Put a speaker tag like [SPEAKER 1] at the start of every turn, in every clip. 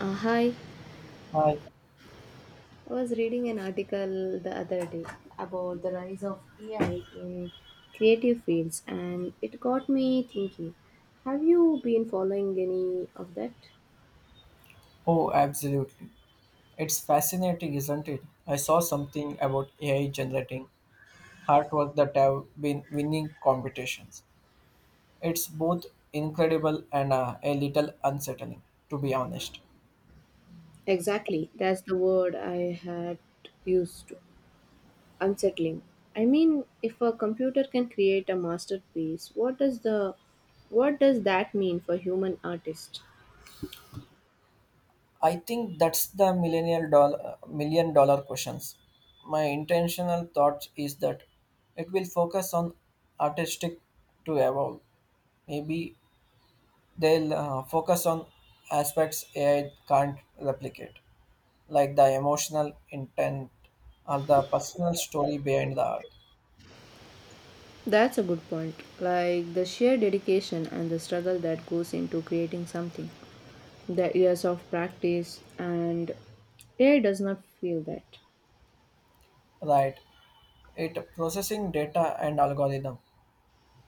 [SPEAKER 1] Uh, hi,
[SPEAKER 2] Hi.
[SPEAKER 1] I was reading an article the other day about the rise of AI in creative fields, and it got me thinking. Have you been following any of that?
[SPEAKER 2] Oh, absolutely. It's fascinating, isn't it? I saw something about AI generating artwork that have been winning competitions. It's both incredible and a little unsettling, to be honest.
[SPEAKER 1] Exactly, that's the word I had used to unsettling. I mean, if a computer can create a masterpiece, what does the what does that mean for human artists?
[SPEAKER 2] I think that's the million dollar questions. My intentional thought is that it will focus on artistic to evolve. Maybe they'll focus on aspects AI can't replicate, like the emotional intent or the personal story behind the art.
[SPEAKER 1] That's a good point. Like the sheer dedication and the struggle that goes into creating something. The years of practice and AI does not feel that.
[SPEAKER 2] Right. It processing data and algorithm.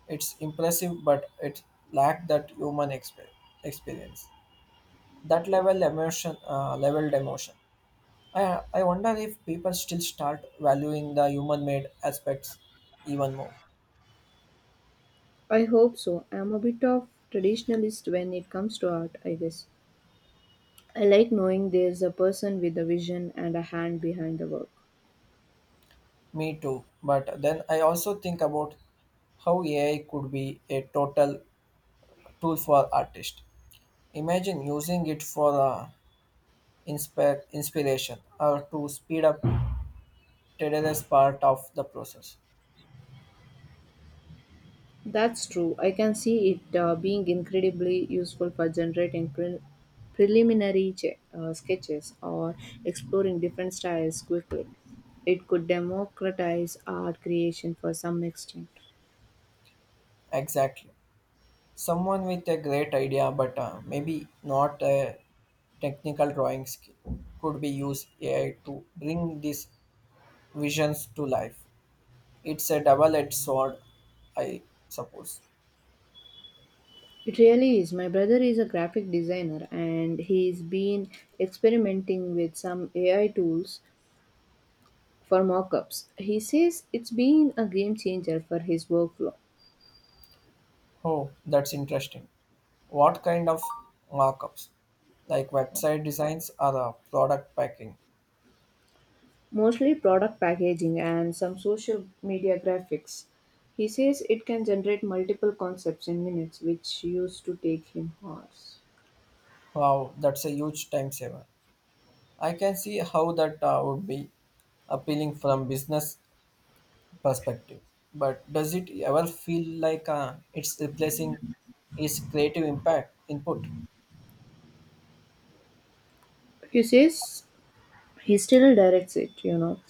[SPEAKER 2] It's impressive, but it lacked that human experience. That level emotion, leveled emotion. I wonder if people still start valuing the human made aspects even more.
[SPEAKER 1] I hope so. I am a bit of traditionalist when it comes to art, I guess. I like knowing there is a person with a vision and a hand behind the work.
[SPEAKER 2] Me too. But then I also think about how AI could be a total tool for artists. Imagine using it for inspiration or to speed up tedious part of the process.
[SPEAKER 1] That's true. I can see it being incredibly useful for generating preliminary sketches or exploring different styles quickly. It could democratize art creation for some extent.
[SPEAKER 2] Exactly. Someone with a great idea but maybe not a technical drawing skill could be used AI to bring these visions to life. It's a double-edged sword, I suppose.
[SPEAKER 1] It really is. My brother is a graphic designer and he's been experimenting with some AI tools for mock ups. He says it's been a game changer for his workflow,
[SPEAKER 2] Oh, that's interesting. What kind of markups? Like website designs or product packing?
[SPEAKER 1] mostly product packaging and some social media graphics. He says it can generate multiple concepts in minutes, which used to take him hours.
[SPEAKER 2] Wow, that's a huge time saver. I can see how that would be appealing from business perspective, but does it ever feel like it's replacing its creative impact input
[SPEAKER 1] He says he still directs it.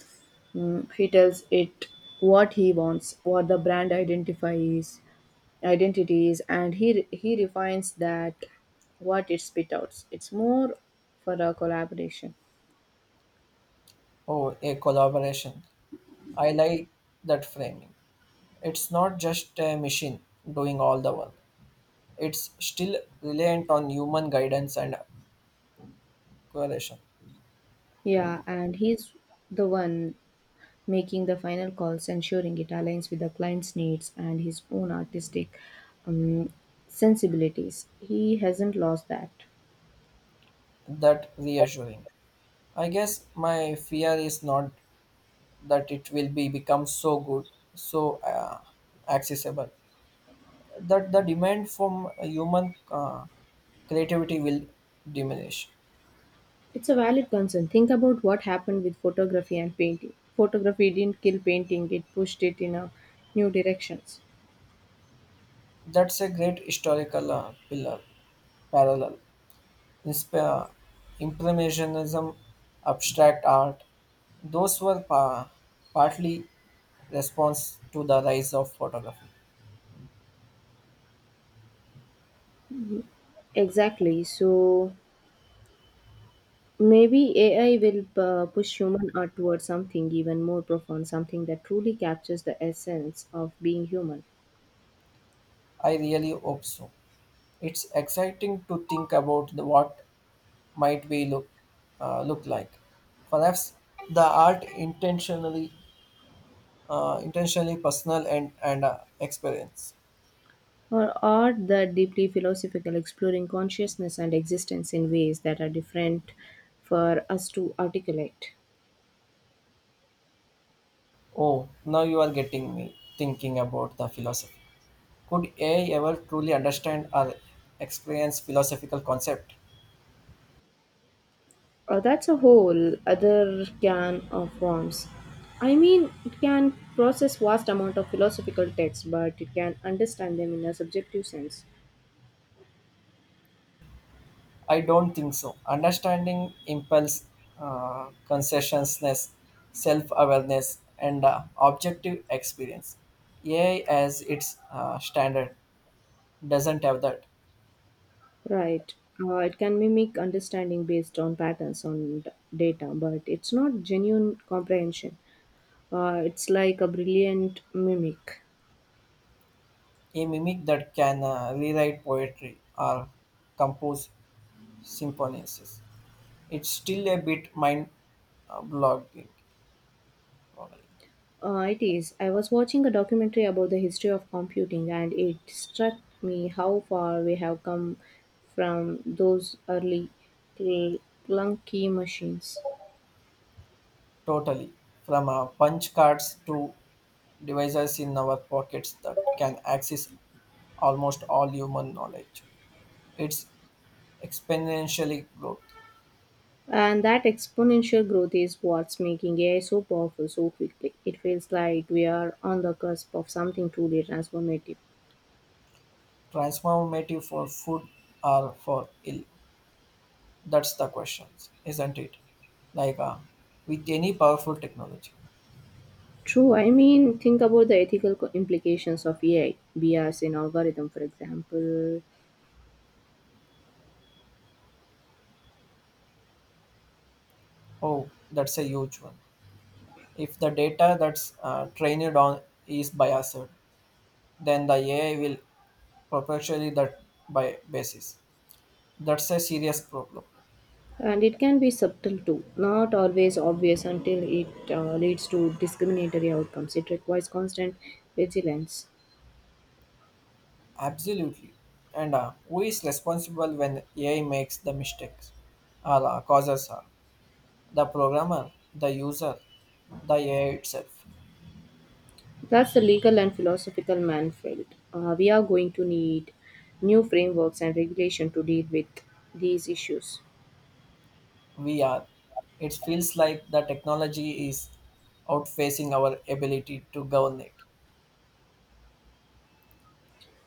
[SPEAKER 1] Mm, he tells it what he wants, what the brand identifies identities, and he he refines that what it spit outs. It's more for a collaboration.
[SPEAKER 2] or a collaboration? I like that framing. It's not just a machine doing all the work. It's still reliant on human guidance and correlation.
[SPEAKER 1] Yeah, and he's the one making the final calls, ensuring it aligns with the client's needs and his own artistic um, sensibilities. He hasn't lost that.
[SPEAKER 2] That reassuring. I guess my fear is not that it will be become so good, so accessible that the demand from human creativity will diminish.
[SPEAKER 1] It's a valid concern. Think about what happened with photography and painting. Photography didn't kill painting, it pushed it in a new directions.
[SPEAKER 2] That's a great historical parallel. Insp- uh, impressionism, abstract art, those were partly response to the rise of photography.
[SPEAKER 1] Exactly. So maybe AI will push human art towards something even more profound, something that truly captures the essence of being human,
[SPEAKER 2] I really hope so. It's exciting to think about what might be look look like. Perhaps the art intentionally intentionally personal and experience.
[SPEAKER 1] or art that deeply philosophical, exploring consciousness and existence in ways that are different for us to articulate.
[SPEAKER 2] Oh, now you are getting me thinking about the philosophy. Could AI ever truly understand or experience philosophical concept?
[SPEAKER 1] That's a whole other can of worms. I mean, it can process vast amount of philosophical texts, but it can understand them in a subjective sense.
[SPEAKER 2] I don't think so. Understanding impels consciousness, self-awareness, and objective experience. AI as its standard doesn't have that.
[SPEAKER 1] Right. It can mimic understanding based on patterns on data, but it's not genuine comprehension. It's like a brilliant mimic.
[SPEAKER 2] A mimic that can rewrite poetry or compose symphonies. It's still a bit mind uh, blogging, boggling,
[SPEAKER 1] It is. I was watching a documentary about the history of computing and it struck me how far we have come from those early cl- clunky machines.
[SPEAKER 2] totally. From punch cards to devices in our pockets that can access almost all human knowledge. It's exponentially growth,
[SPEAKER 1] And that exponential growth is what's making AI so powerful so quickly. It feels like we are on the cusp of something truly transformative.
[SPEAKER 2] transformative for food or for ill. That's the question, isn't it? Like with any powerful technology.
[SPEAKER 1] True, I mean, think about the ethical implications of AI, BRs in algorithm, for example.
[SPEAKER 2] Oh, that's a huge one. If the data that's trained on is biased, then the AI will perpetually that by basis. That's a serious problem.
[SPEAKER 1] And it can be subtle too, not always obvious until it leads to discriminatory outcomes. It requires constant vigilance.
[SPEAKER 2] Absolutely. And who is responsible when AI makes the mistakes or causes harm? The programmer, the user, the AI itself.
[SPEAKER 1] That's the legal and philosophical Manfred. We are going to need new frameworks and regulation to deal with these issues.
[SPEAKER 2] We are. It feels like the technology is outfacing our ability to govern it.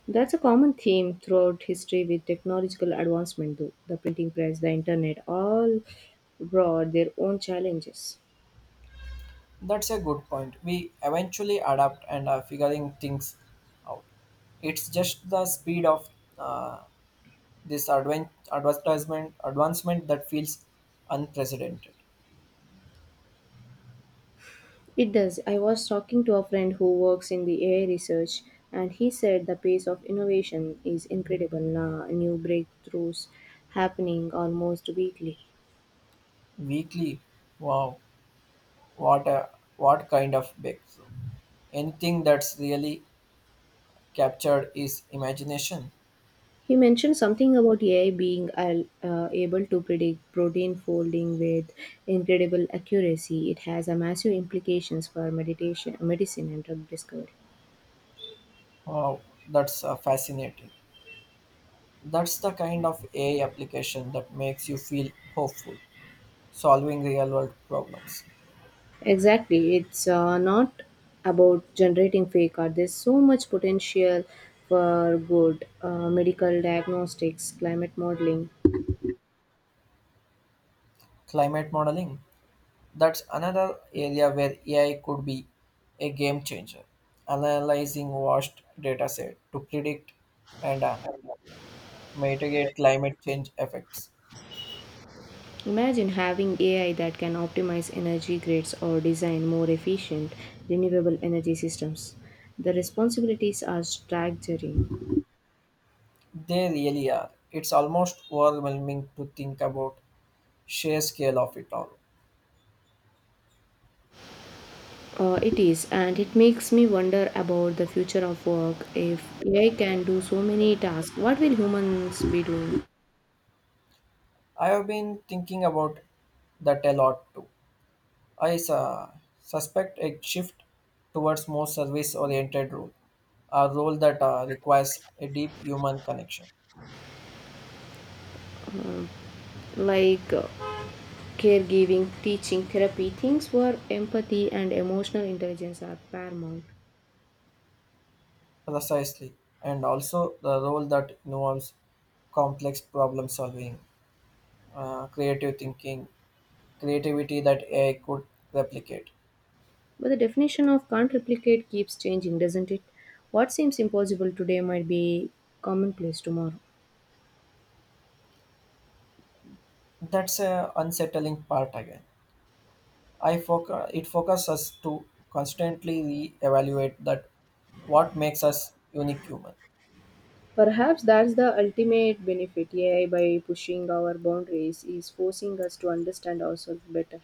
[SPEAKER 1] That's a common theme throughout history with technological advancement, though. The printing press, the internet, all brought their own challenges.
[SPEAKER 2] That's a good point. We eventually adapt and are figuring things out. It's just the speed of uh, this advent, advertisement advancement that feels unprecedented.
[SPEAKER 1] It does. I was talking to a friend who works in the AI research, and he said the pace of innovation is incredible now, new breakthroughs happening almost weekly.
[SPEAKER 2] Weekly, wow, what a what kind of breakthrough? Anything that's really captured is imagination.
[SPEAKER 1] He mentioned something about AI being able to predict protein folding with incredible accuracy. It has a massive implications for meditation, medicine, and drug discovery.
[SPEAKER 2] Wow, that's fascinating. That's the kind of AI application that makes you feel hopeful, solving real world problems.
[SPEAKER 1] Exactly. It's not about generating fake art. There's so much potential for good medical diagnostics, climate modeling.
[SPEAKER 2] Climate modeling, that's another area where AI could be a game changer, analyzing vast data set to predict and mitigate climate change effects.
[SPEAKER 1] Imagine having AI that can optimize energy grids or design more efficient renewable energy systems. The responsibilities are staggering.
[SPEAKER 2] They really are. It's almost overwhelming to think about sheer scale of it all.
[SPEAKER 1] It is, and it makes me wonder about the future of work. If AI can do so many tasks, what will humans be doing?
[SPEAKER 2] I have been thinking about that a lot too. I su- suspect a shift towards more service oriented role, a role that requires a deep human connection.
[SPEAKER 1] Like, caregiving, teaching, therapy, things where empathy and emotional intelligence are paramount.
[SPEAKER 2] Precisely, and also the role that involves complex problem solving, creative thinking, creativity that AI could replicate.
[SPEAKER 1] But the definition of can't replicate keeps changing, doesn't it? What seems impossible today might be commonplace tomorrow.
[SPEAKER 2] That's a unsettling part again. It focuses us to constantly re-evaluate that what makes us unique human.
[SPEAKER 1] Perhaps that's the ultimate benefit AI by pushing our boundaries is forcing us to understand ourselves better.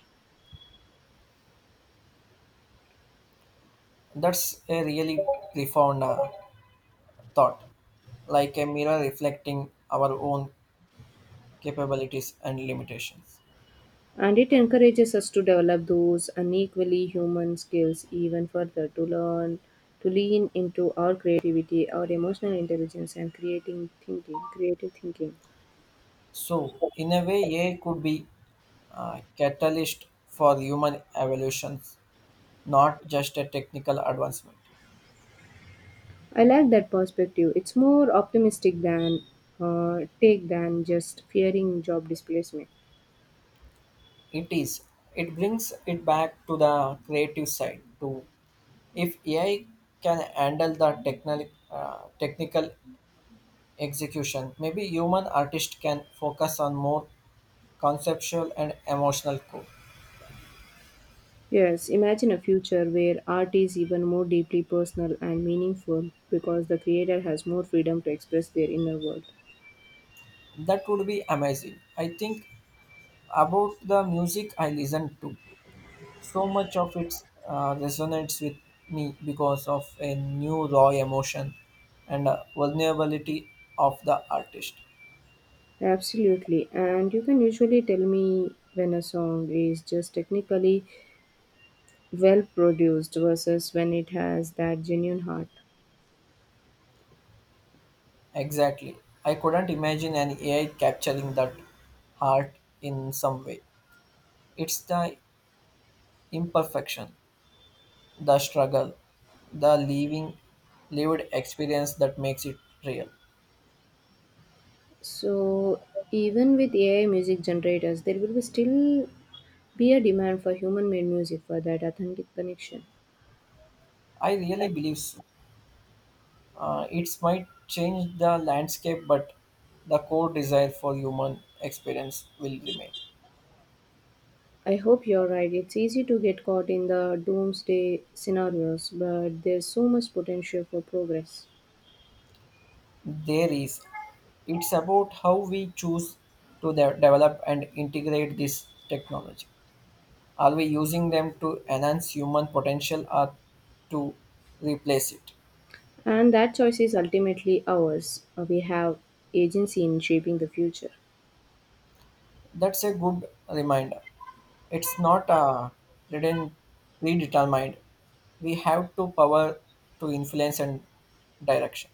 [SPEAKER 2] That's a really profound thought, like a mirror reflecting our own capabilities and limitations.
[SPEAKER 1] And it encourages us to develop those unequally human skills even further to learn to lean into our creativity, our emotional intelligence and creative thinking.
[SPEAKER 2] So, in a way, AI could be a catalyst for human evolution, not just a technical advancement.
[SPEAKER 1] I like that perspective. It's more optimistic than take than just fearing job displacement.
[SPEAKER 2] It is. It brings it back to the creative side too. If AI can handle the technical execution, maybe human artist can focus on more conceptual and emotional core.
[SPEAKER 1] Yes, imagine a future where art is even more deeply personal and meaningful because the creator has more freedom to express their inner world.
[SPEAKER 2] That would be amazing. I think about the music I listen to. So much of it resonates with me because of a new raw emotion and vulnerability of the artist.
[SPEAKER 1] Absolutely. And you can usually tell me when a song is just technically well produced versus when it has that genuine heart.
[SPEAKER 2] Exactly. I couldn't imagine an AI capturing that heart in some way. It's the imperfection, the struggle, the living, lived experience that makes it real.
[SPEAKER 1] So even with AI music generators, there will be still be a demand for human made music for that authentic connection.
[SPEAKER 2] I really believe so. It might change the landscape, but the core desire for human experience will remain.
[SPEAKER 1] I hope you're right. It's easy to get caught in the doomsday scenarios, but there's so much potential for progress.
[SPEAKER 2] There is. It's about how we choose to develop and integrate this technology. Are we using them to enhance human potential or to replace it?
[SPEAKER 1] And that choice is ultimately ours. We have agency in shaping the future.
[SPEAKER 2] That's a good reminder. It's not written predetermined. We have to power to influence and direction.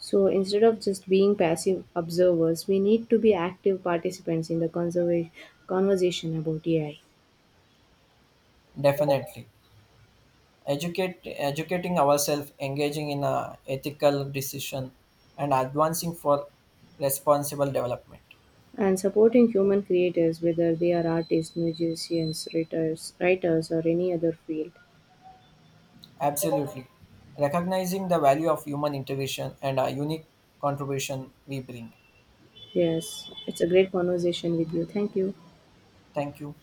[SPEAKER 1] So instead of just being passive observers, we need to be active participants in the conversation about AI
[SPEAKER 2] Definitely. Educating ourselves, engaging in a ethical decision, and advancing for responsible development.
[SPEAKER 1] and supporting human creators, whether they are artists, musicians, writers, or any other field.
[SPEAKER 2] Absolutely. Recognizing the value of human integration and a unique contribution we bring.
[SPEAKER 1] Yes, it's a great conversation with you. Thank you.
[SPEAKER 2] Thank you.